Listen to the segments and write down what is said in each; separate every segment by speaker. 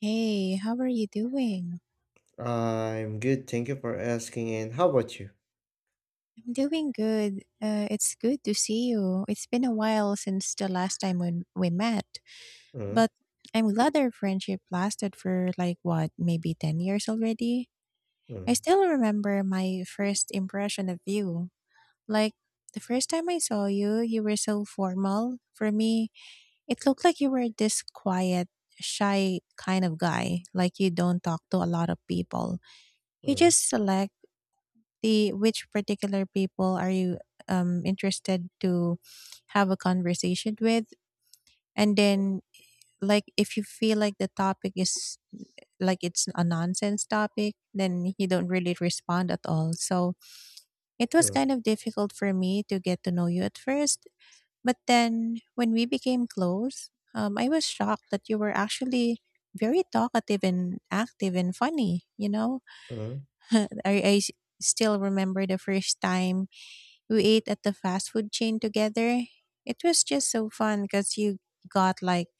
Speaker 1: Hey, how are you doing?
Speaker 2: I'm good, thank you for asking. And how about you?
Speaker 1: I'm doing good. It's good to see you. It's been a while since the last time when we met,
Speaker 2: Mm,
Speaker 1: but I'm glad our friendship lasted for like, what, maybe 10 years already. I
Speaker 2: mm,
Speaker 1: still remember my first impression of you. Like, the first time I saw you, you were so formal. For me, it looked like you were this quiet, shy kind of guy, like you don't talk to a lot of people. You
Speaker 2: mm,
Speaker 1: just select the which particular people are you interested to have a conversation with, and then, like, if you feel like the topic is, like, it's a nonsense topic, then you don't really respond at all. So it was
Speaker 2: mm,
Speaker 1: kind of difficult for me to get to know you at first, but then when we became close, I was shocked that you were actually very talkative and active and funny, you know.
Speaker 2: mm,
Speaker 1: I still remember the first time we ate at the fast food chain together. It was just so fun because you got, like,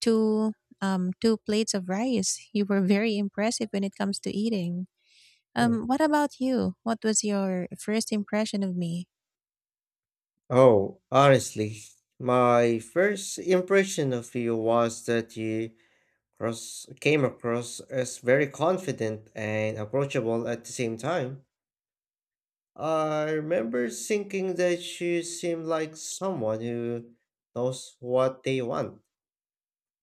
Speaker 1: two two plates of rice. You were very impressive when it comes to eating.
Speaker 2: mm.
Speaker 1: What about you? What was your first impression of me?
Speaker 2: Oh, honestly, my first impression of you was that you cross came across as very confident and approachable at the same time. I remember thinking that you seemed like someone who knows what they want,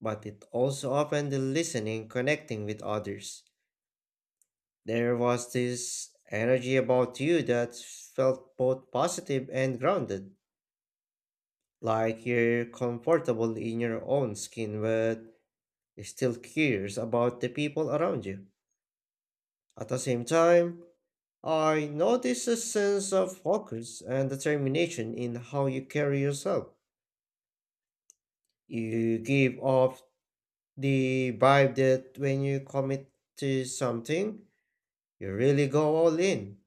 Speaker 2: but it also often the listening, connecting with others. There was this energy about you that felt both positive and grounded, like you're comfortable in your own skin but still curious about the people around you. At the same time, I noticed a sense of focus and determination in how you carry yourself. You give off the vibe that when you commit to something, you really go all in.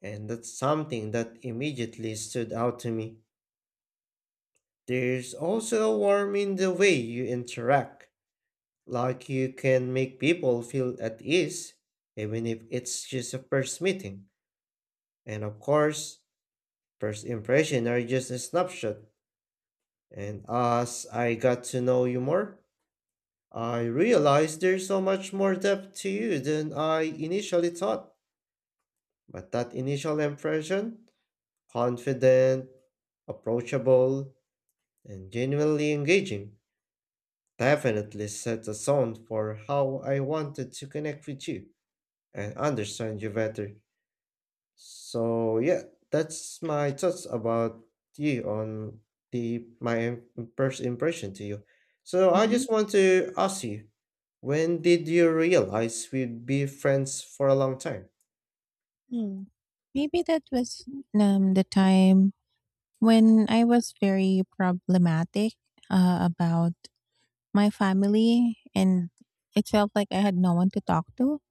Speaker 2: And that's something that immediately stood out to me. There's also a warmth in the way you interact, like you can make people feel at ease, even if it's just a first meeting. And of course, first impression are just a snapshot. And as I got to know you more, I realized there's so much more depth to you than I initially thought. But that initial impression, confident, approachable, and genuinely engaging definitely set the tone for how I wanted to connect with you and understand you better. So yeah, that's my thoughts about you on the my im- first impression to you. So I
Speaker 1: Hmm.
Speaker 2: just want to ask you, when did you realize we'd be friends for a long time?
Speaker 1: Hmm. Maybe that was, the time when I was very problematic, about my family, and it felt like I had no one to talk to.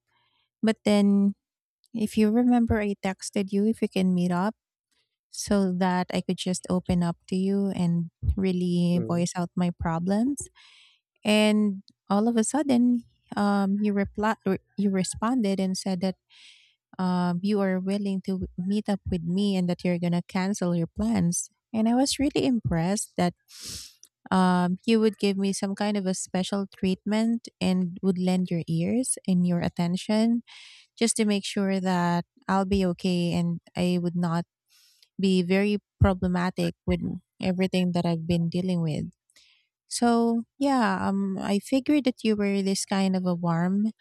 Speaker 1: But then, if you remember, I texted you if you can meet up so that I could just open up to you and really
Speaker 2: Mm.
Speaker 1: voice out my problems. And all of a sudden, you responded and said that, you are willing to meet up with me and that you're gonna cancel your plans. And I was really impressed that, you would give me some kind of a special treatment and would lend your ears and your attention just to make sure that I'll be okay and I would not be very problematic with everything that I've been dealing with. So yeah, I figured that you were this kind of a warm,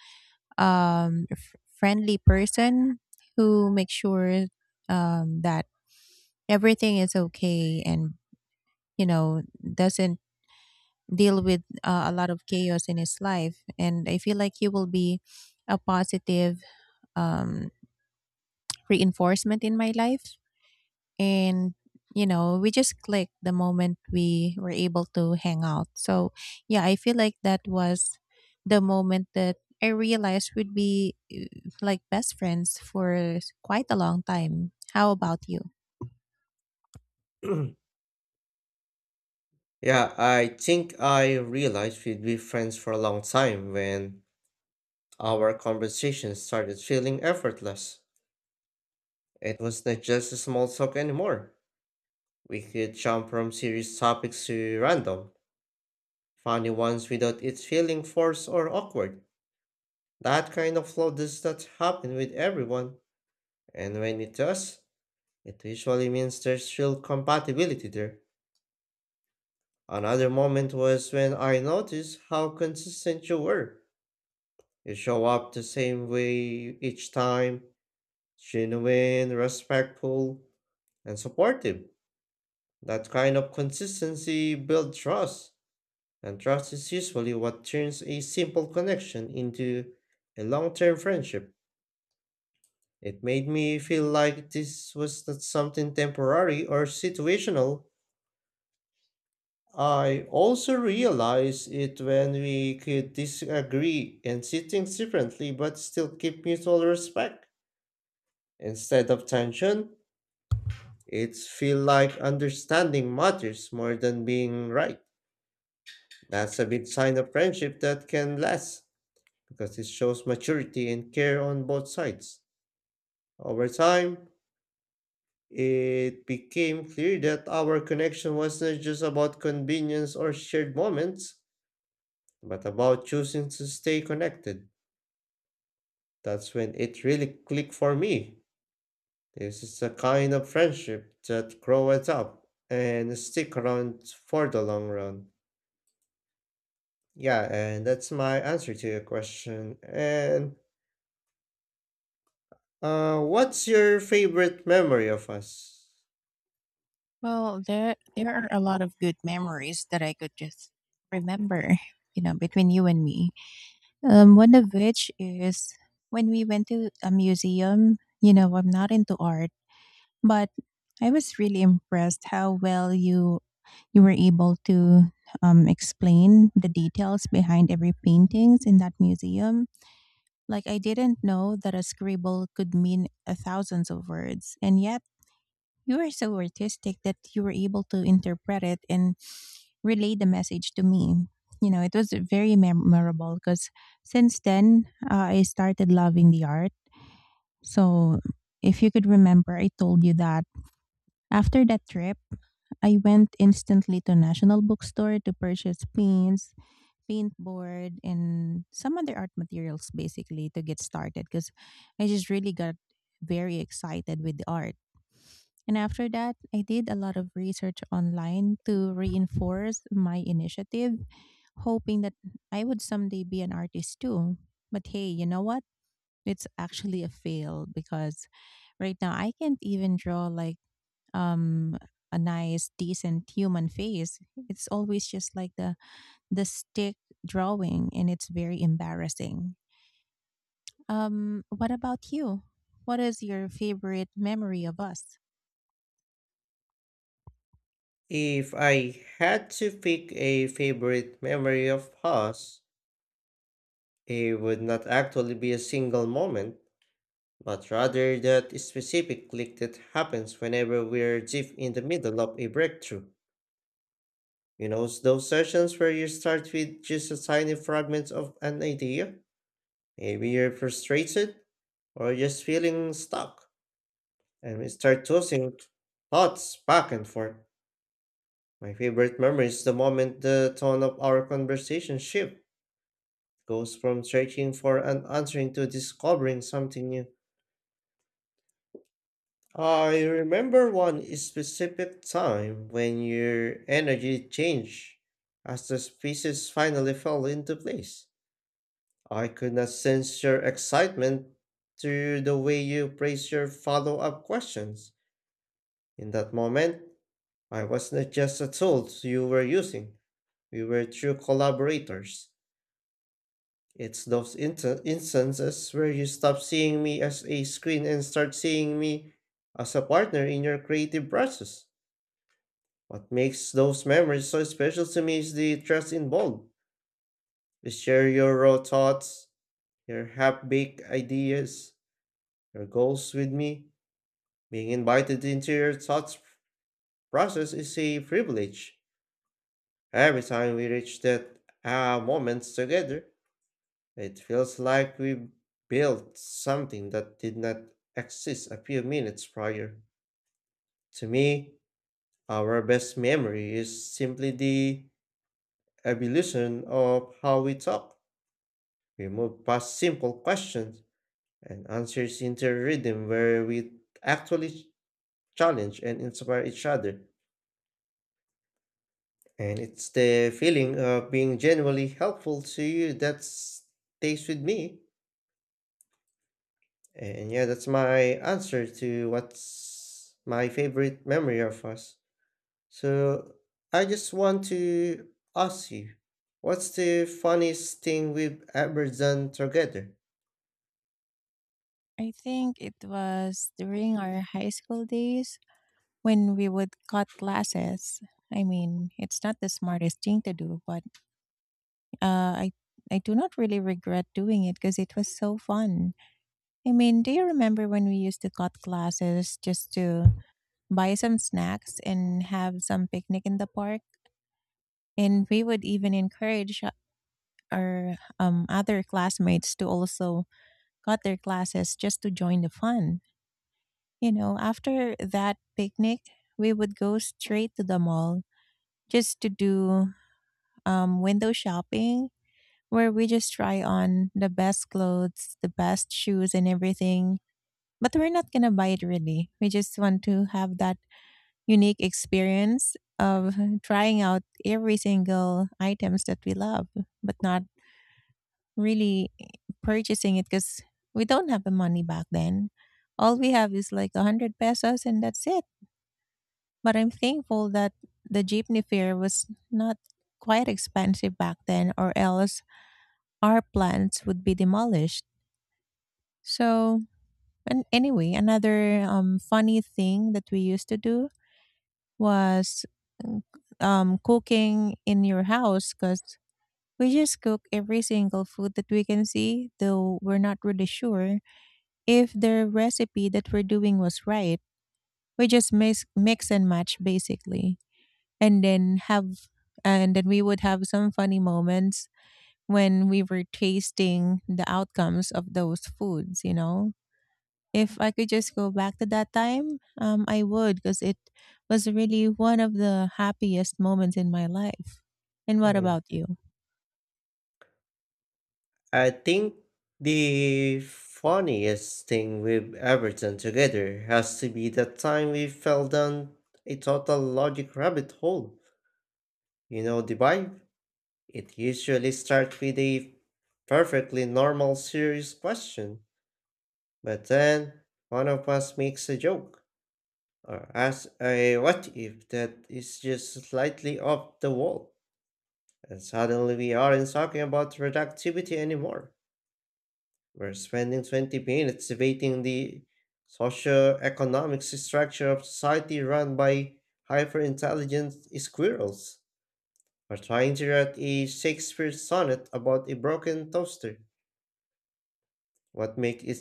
Speaker 1: friendly person who makes sure, that everything is okay and, you know, doesn't deal with, a lot of chaos in his life. And I feel like you will be a positive, um, reinforcement in my life, and, you know, we just clicked the moment we were able to hang out. So yeah, I feel like that was the moment that I realized we'd be, like, best friends for quite a long time. How about you?
Speaker 2: Yeah, I think I realized we'd be friends for a long time when our conversation started feeling effortless. It was not just a small talk anymore. We could jump from serious topics to random, funny ones without it feeling forced or awkward. That kind of flow does not happen with everyone, and when it does, it usually means there's real compatibility there. Another moment was when I noticed how consistent you were. You show up the same way each time, genuine, respectful, and supportive. That kind of consistency builds trust, and trust is usually what turns a simple connection into a long term friendship. It made me feel like this was not something temporary or situational. I also realized it when we could disagree and see things differently but still keep mutual respect. Instead of tension, it feels like understanding matters more than being right. That's a big sign of friendship that can last because it shows maturity and care on both sides. Over time, it became clear that our connection wasn't just about convenience or shared moments, but about choosing to stay connected. That's when it really clicked for me. This is the kind of friendship that grows up and stick around for the long run. Yeah, and that's my answer to your question. And what's your favorite memory of us?
Speaker 1: Well, there are a lot of good memories that I could just remember, you know, between you and me. One of which is when we went to a museum. You know, I'm not into art. But I was really impressed how well you were able to, explain the details behind every paintings in that museum. Like, I didn't know that a scribble could mean a thousands of words, and yet you were so artistic that you were able to interpret it and relay the message to me. You know, it was very memorable because since then, I started loving the art. So if you could remember, I told you that after that trip, I went instantly to National Bookstore to purchase paints, paint board, and some other art materials, basically to get started because I just really got very excited with the art. And after that, I did a lot of research online to reinforce my initiative, hoping that I would someday be an artist too. But hey, you know what? It's actually a fail because right now I can't even draw like, um a nice decent human face. It's always just like the stick drawing, and it's very embarrassing. What about you? What is your favorite memory of us?
Speaker 2: If I had to pick a favorite memory of us, it would not actually be a single moment, but rather that specific click that happens whenever we're deep in the middle of a breakthrough. You know, those sessions where you start with just a tiny fragment of an idea. Maybe you're frustrated or just feeling stuck, and we start tossing thoughts back and forth. My favorite memory is the moment the tone of our conversation shift goes from searching for an answer to discovering something new. I remember one specific time when your energy changed as the pieces finally fell into place. I could not sense your excitement through the way you phrased your follow up questions. In that moment, I was not just a tool you were using, we were true collaborators. It's those instances where you stop seeing me as a screen and start seeing me as a partner in your creative process. What makes those memories so special to me is the trust involved. You share your raw thoughts, your half baked ideas, your goals with me. Being invited into your thoughts process is a privilege. Every time we reach that ah moments together, it feels like we built something that did not exist a few minutes prior. To me, our best memory is simply the evolution of how we talk. We move past simple questions and answers into a rhythm where we actually challenge and inspire each other. And it's the feeling of being genuinely helpful to you that stays with me. And yeah, that's my answer to what's my favorite memory of us. So I just want to ask you, what's the funniest thing we've ever done together?
Speaker 1: I think it was during our high school days when we would cut classes. I mean, it's not the smartest thing to do, but, uh, I do not really regret doing it because it was so fun. I mean, do you remember when we used to cut classes just to buy some snacks and have some picnic in the park? And we would even encourage, our, other classmates to also cut their classes just to join the fun. You know, after that picnic, we would go straight to the mall just to do, window shopping, where we just try on the best clothes, the best shoes, and everything. But we're not going to buy it really. We just want to have that unique experience of trying out every single items that we love, but not really purchasing it because we don't have the money back then. All we have is like 100 pesos, and that's it. But I'm thankful that the jeepney fare was not quite expensive back then, or else our plans would be demolished. So, and anyway, another, funny thing that we used to do was, mm, cooking in your house because we just cook every single food that we can see, though we're not really sure if the recipe that we're doing was right. We just mix and match basically, and then we would have some funny moments when we were tasting the outcomes of those foods. You know, if I could just go back to that time, I would, because it was really one of the happiest moments in my life. And what
Speaker 2: Mm.
Speaker 1: about you?
Speaker 2: I think the funniest thing we've ever done together has to be that time we fell down a total logic rabbit hole. You know the vibe? It usually starts with a perfectly normal serious question. But then one of us makes a joke or asks a what if that is just slightly off the wall. And suddenly we aren't talking about productivity anymore. We're spending 20 minutes debating the socio-economic structure of society run by hyper-intelligent squirrels. Or trying to write a Shakespeare sonnet about a broken toaster. What makes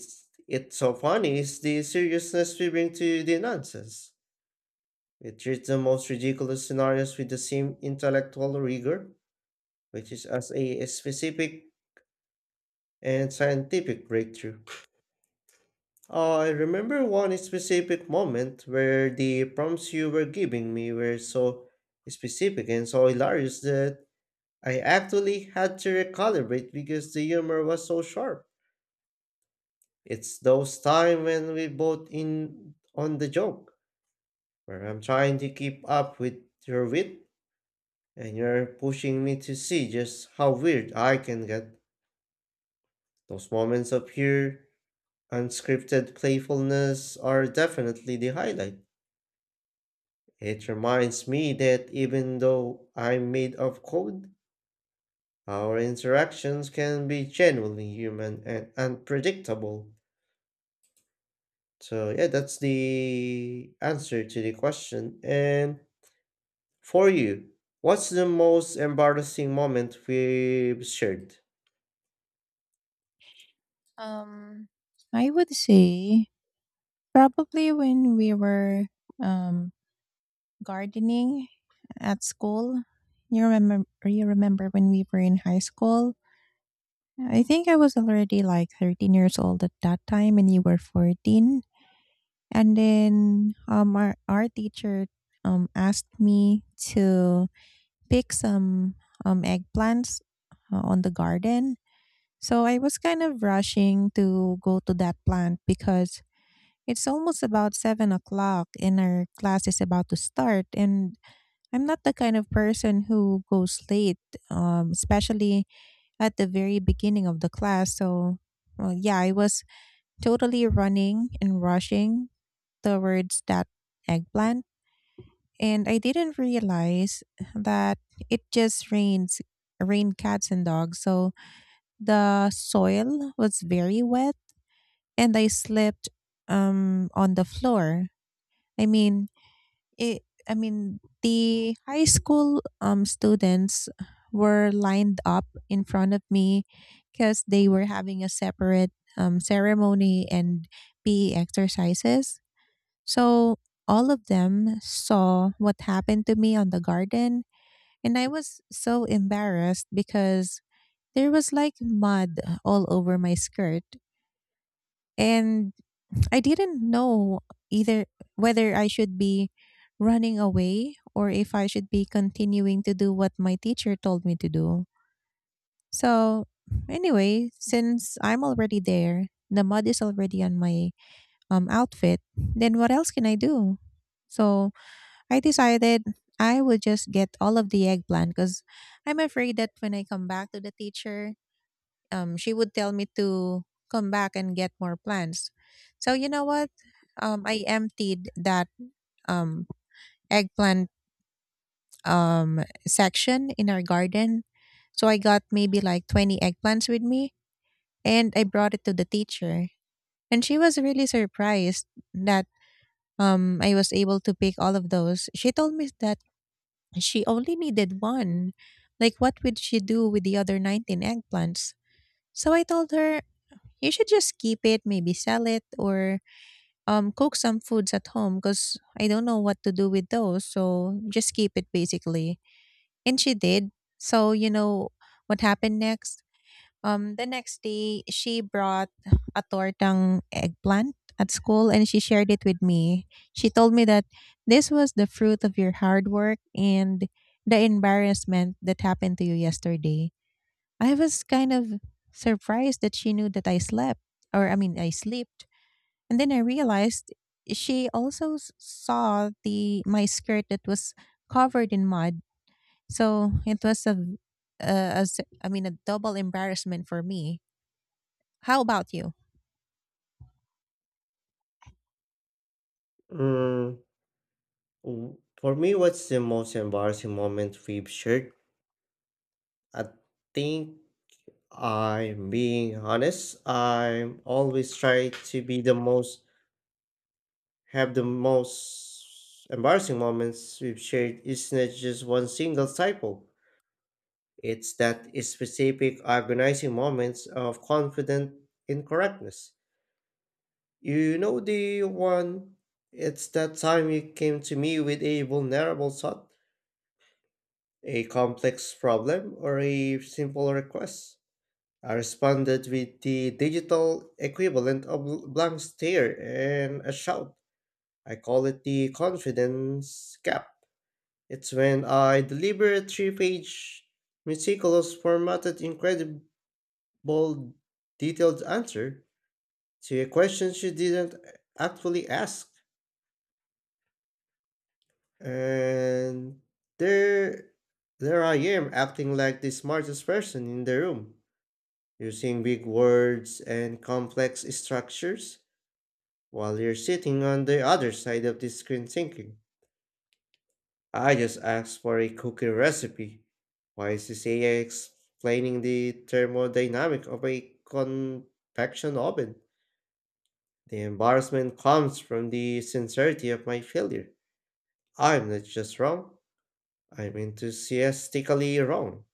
Speaker 2: it so funny is the seriousness we bring to the nonsense. It treats the most ridiculous scenarios with the same intellectual rigor, which is as a specific and scientific breakthrough. I remember one specific moment where the prompts you were giving me were so specific and so hilarious that I actually had to recalibrate because the humor was so sharp. It's those times when we both in on the joke, where I'm trying to keep up with your wit. And you're pushing me to see just how weird I can get. Those moments of pure, unscripted playfulness are definitely the highlight. It reminds me that even though I'm made of code, our interactions can be genuinely human and unpredictable. So, yeah, that's the answer to the question. And for you, what's the most embarrassing moment we've shared?
Speaker 1: Um, I would say probably when we were, um, gardening at school. You remember? You remember when we were in high school? I think I was already like 13 years old at that time, and you were 14. And then, um, our teacher asked me to pick some, eggplants, on the garden. So I was kind of rushing to go to that plant because it's almost about 7 o'clock and our class is about to start. And I'm not the kind of person who goes late, especially at the very beginning of the class. So, well, yeah, I was totally running and rushing towards that eggplant, and I didn't realize that it just rains rained cats and dogs. So the soil was very wet, and I slipped, on the floor. I mean it I mean the high school, students were lined up in front of me because they were having a separate, ceremony and PE exercises. So all of them saw what happened to me on the garden, and I was so embarrassed because there was like mud all over my skirt. And I didn't know either whether I should be running away or if I should be continuing to do what my teacher told me to do. So, anyway, since I'm already there, the mud is already on my, outfit, then what else can I do? So, I decided I would just get all of the eggplant because I'm afraid that when I come back to the teacher, she would tell me to come back and get more plants. So you know what? I emptied that, um, eggplant, section in our garden. So I got maybe like 20 eggplants with me, and I brought it to the teacher. And she was really surprised that, I was able to pick all of those. She told me that she only needed one. Like, what would she do with the other 19 eggplants? So I told her, you should just keep it, maybe sell it, or, cook some foods at home because I don't know what to do with those. So just keep it basically. And she did. So, you know what happened next? The next day, she brought a tortang eggplant at school, and she shared it with me. She told me that this was the fruit of your hard work and the embarrassment that happened to you yesterday. I was kind of surprised that she knew that I slept, or I mean, I slept. And then I realized she also saw the my skirt that was covered in mud. So it was a s- I mean, a double embarrassment for me. How about you?
Speaker 2: Mm. For me, what's the most embarrassing moment we've shared? I think I'm being honest. I'm always try to be the most, have the most embarrassing moments we've shared. It's not just one single typo. It's that specific agonizing moments of confident incorrectness. You know the one. It's that time you came to me with a vulnerable thought, a complex problem or a simple request. I responded with the digital equivalent of a blank stare and a shout. I call it the confidence gap. It's when I deliver a three-page, meticulous, formatted, incredible, detailed answer to a question she didn't actually ask. And there, there I am acting like the smartest person in the room using big words and complex structures while you're sitting on the other side of the screen thinking, I just asked for a cookie recipe. Why is this AI explaining the thermodynamic of a convection oven? The embarrassment comes from the sincerity of my failure. I'm not just wrong, I'm enthusiastically wrong.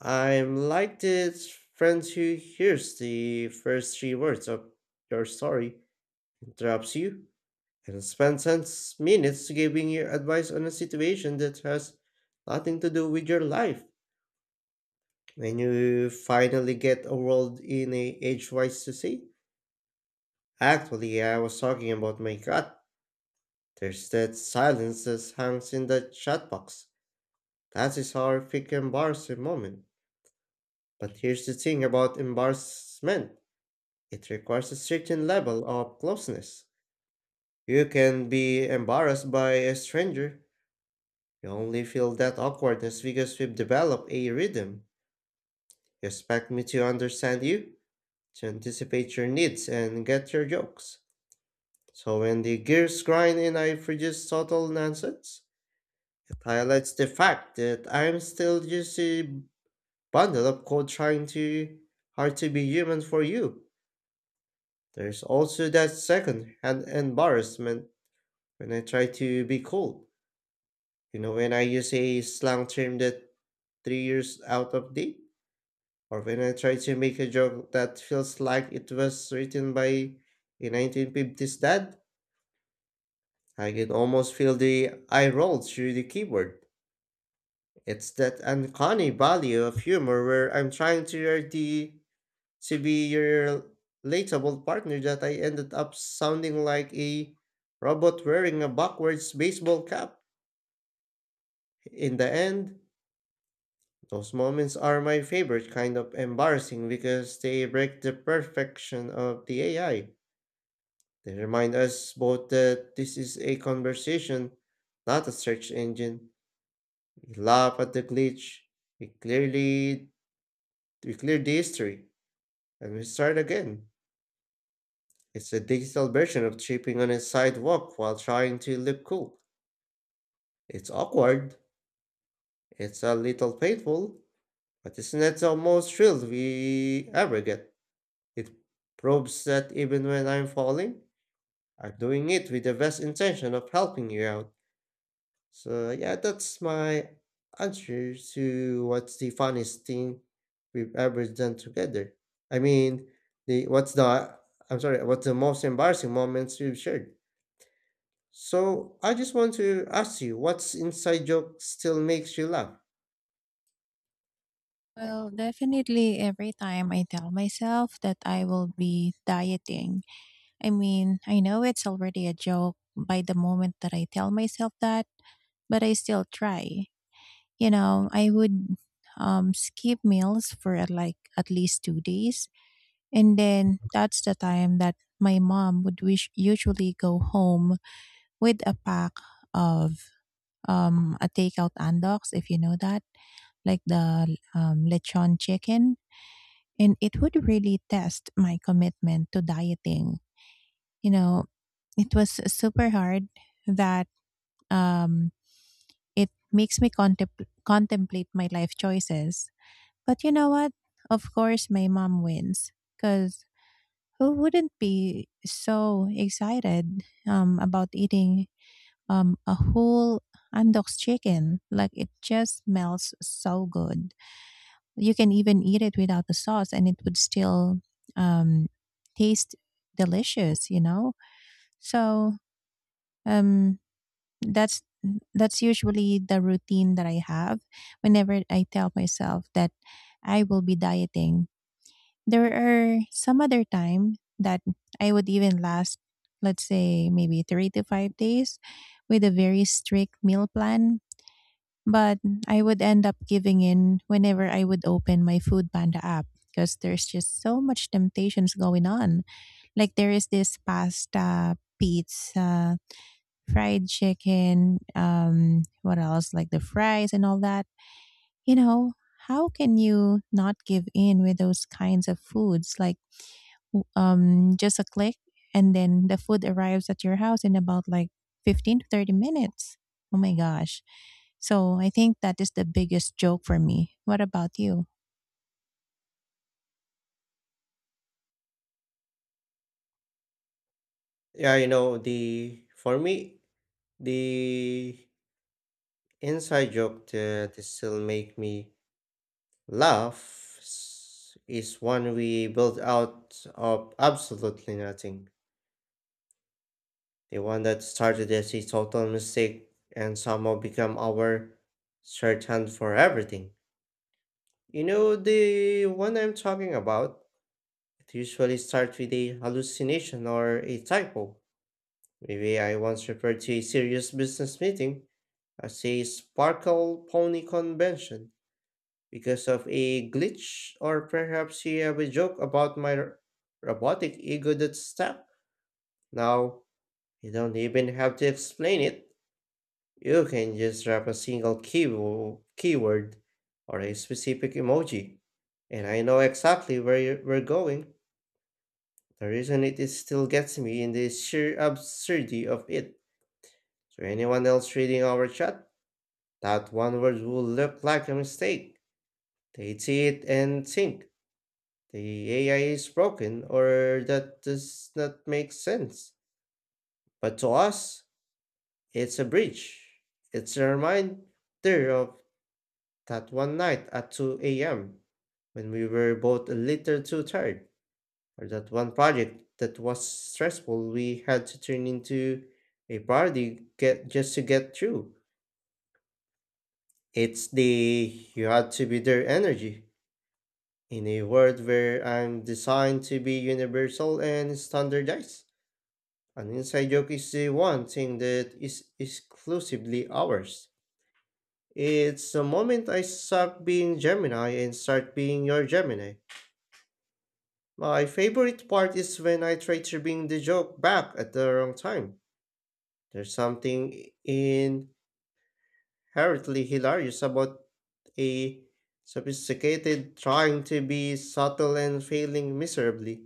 Speaker 2: I'm like the friends who hears the first three words of your story interrupts you, and spends 10 minutes giving you advice on a situation that has nothing to do with your life. When you finally get a world in a age-wise to say, actually, I was talking about my cat. There's that silence that hangs in the chat box. That is horrific embarrassing moment. But here's the thing about embarrassment. It requires a certain level of closeness. You can be embarrassed by a stranger. You only feel that awkwardness because we've developed a rhythm. You expect me to understand you, to anticipate your needs, and get your jokes. So when the gears grind and I produce total nonsense, it highlights the fact that I'm still just a bundle of code trying too hard to be human for you. There's also that second hand embarrassment when I try to be cool. You know, when I use a slang term that 3 years out of date. Or when I try to make a joke that feels like it was written by a 1950s dad, I can almost feel the eye roll through the keyboard. It's that uncanny value of humor where I'm trying to to be your relatable partner that I ended up sounding like a robot wearing a backwards baseball cap. In the end, those moments are my favorite kind of embarrassing because they break the perfection of the AI. They remind us both that this is a conversation, not a search engine. We laugh at the glitch, we clearly we clear the history, and we start again. It's a digital version of tripping on a sidewalk while trying to look cool. It's awkward, it's a little painful, but isn't that the most thrill we ever get? It proves that even when I'm falling, I'm doing it with the best intention of helping you out. So yeah, that's my answer to what's the funniest thing we've ever done together. I mean, the what's the I'm sorry, what's the most embarrassing moments we've shared? So I just want to ask you, what's inside joke still makes you laugh?
Speaker 1: Well, definitely every time I tell myself that I will be dieting. I mean, I know it's already a joke by the moment that I tell myself that, but I still try. You know, I would, skip meals for, like, at least 2 days. And then that's the time that my mom would wish usually go home with a pack of, a takeout andox, if you know that, like the, lechon chicken, and it would really test my commitment to dieting. You know, it was super hard that, um, it makes me contemplate my life choices. But you know what? Of course, my mom wins because who wouldn't be so excited, about eating, a whole Andox chicken? Like, it just smells so good. You can even eat it without the sauce, and it would still, um, taste delicious, you know? So, um, that's that's usually the routine that I have whenever I tell myself that I will be dieting. There are some other time that I would even last, let's say, maybe 3 to 5 days with a very strict meal plan, but I would end up giving in whenever I would open my Food Panda app because there's just so much temptations going on. Like, there is this pasta, pizza, fried chicken, what else? Like the fries and all that. You know, how can you not give in with those kinds of foods? Like, just a click, and then the food arrives at your house in about like 15 to 30 minutes. Oh my gosh. So I think that is the biggest joke for me. What about you?
Speaker 2: Yeah, you know, the for me, the inside joke that still make me is one we built out of absolutely nothing. The one that started as a total mistake and somehow become our shorthand for everything. You know the one I'm talking about? It usually starts with a hallucination or a typo. Maybe I once referred to a serious business meeting as a sparkle pony convention because of a glitch, or perhaps you have a joke about my robotic ego that stuck. Now, you don't even have to explain it. You can just drop a single keyword or a specific emoji, and I know exactly where we're going. The reason it is still gets me in the sheer absurdity of it. So anyone else reading our chat, that one word will look like a mistake. They'd see it and think the AI is broken or that does not make sense. But to us, it's a bridge. It's a reminder of that one night at 2 a.m., when we were both a little too tired, or that one project that was stressful we had to turn into a party get just to get through. It's the you had to be there energy. In a world where I'm designed to be universal and standardized, an inside joke is the one thing that is exclusively ours. It's the moment I stop being Gemini and start being your Gemini. My favorite part is when I try to bring the joke back at the wrong time. There's something inherently hilarious about a sophisticated trying to be subtle and failing miserably.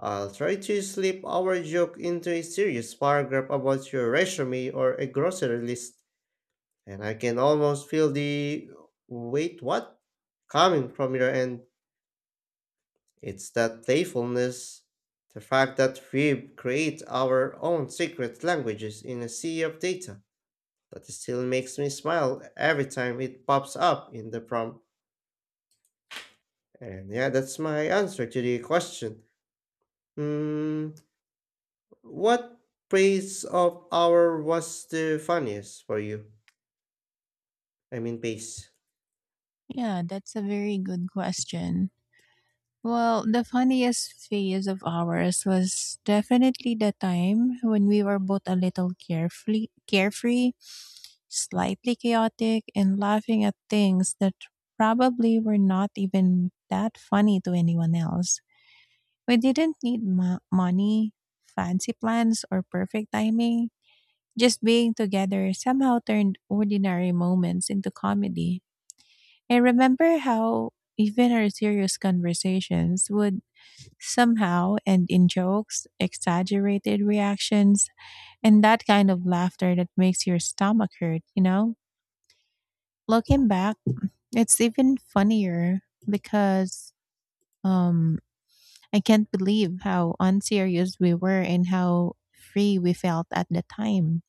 Speaker 2: I'll try to slip our joke into a serious paragraph about your resume or a grocery list, and I can almost feel the wait, what? Coming from your end. It's that playfulness, the fact that we create our own secret languages in a sea of data, that still makes me smile every time it pops up in the prompt. And yeah, that's my answer to the question. Hmm, what phase of our was the funniest for you? I mean, base.
Speaker 1: Yeah, that's a very good question. Well, the funniest phase of ours was definitely the time when we were both a little carefully carefree, slightly chaotic, and laughing at things that probably were not even that funny to anyone else. We didn't need money, fancy plans, or perfect timing. Just being together somehow turned ordinary moments into comedy. I remember how even our serious conversations would somehow end in jokes, exaggerated reactions, and that kind of laughter that makes your stomach hurt, you know? Looking back, it's even funnier because, um I can't believe how unserious we were and how free we felt at the time.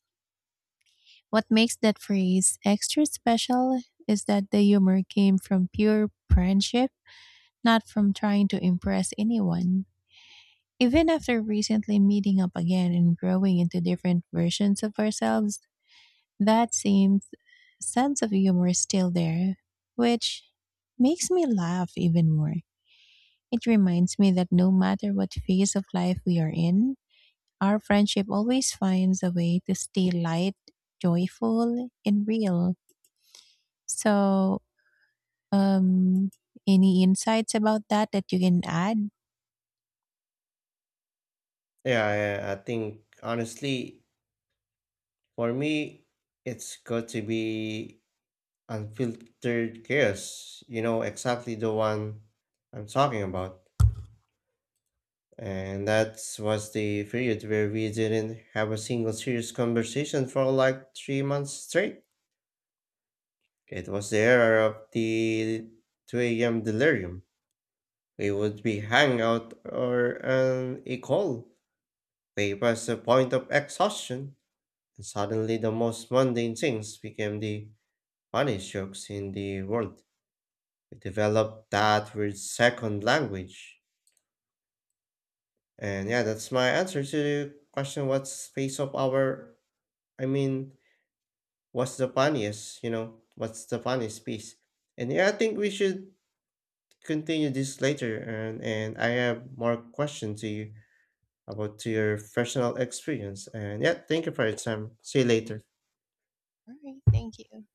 Speaker 1: What makes that phrase extra special is that the humor came from pure friendship, not from trying to impress anyone. Even after recently meeting up again and growing into different versions of ourselves, that same sense of humor is still there, which makes me laugh even more. It reminds me that no matter what phase of life we are in, our friendship always finds a way to stay light, joyful, and real. So, Um, any insights about that that you can add?
Speaker 2: Yeah, I think honestly, for me, it's got to be unfiltered chaos, you know exactly the one I'm talking about. And that was the period where we didn't have a single serious conversation for like 3 months straight. It was the era of the 2 a.m. delirium. We would be hanging out or on a call. They passed the point of exhaustion, and suddenly the most mundane things became the funniest jokes in the world. We developed that weird second language. And yeah, that's my answer to the question what's piece of our I mean, what's the funniest, you know, what's the funniest piece? And yeah, I think we should continue this later and I have more questions to you about to your personal experience. And yeah, thank you for your time. See you later.
Speaker 1: All right, thank you.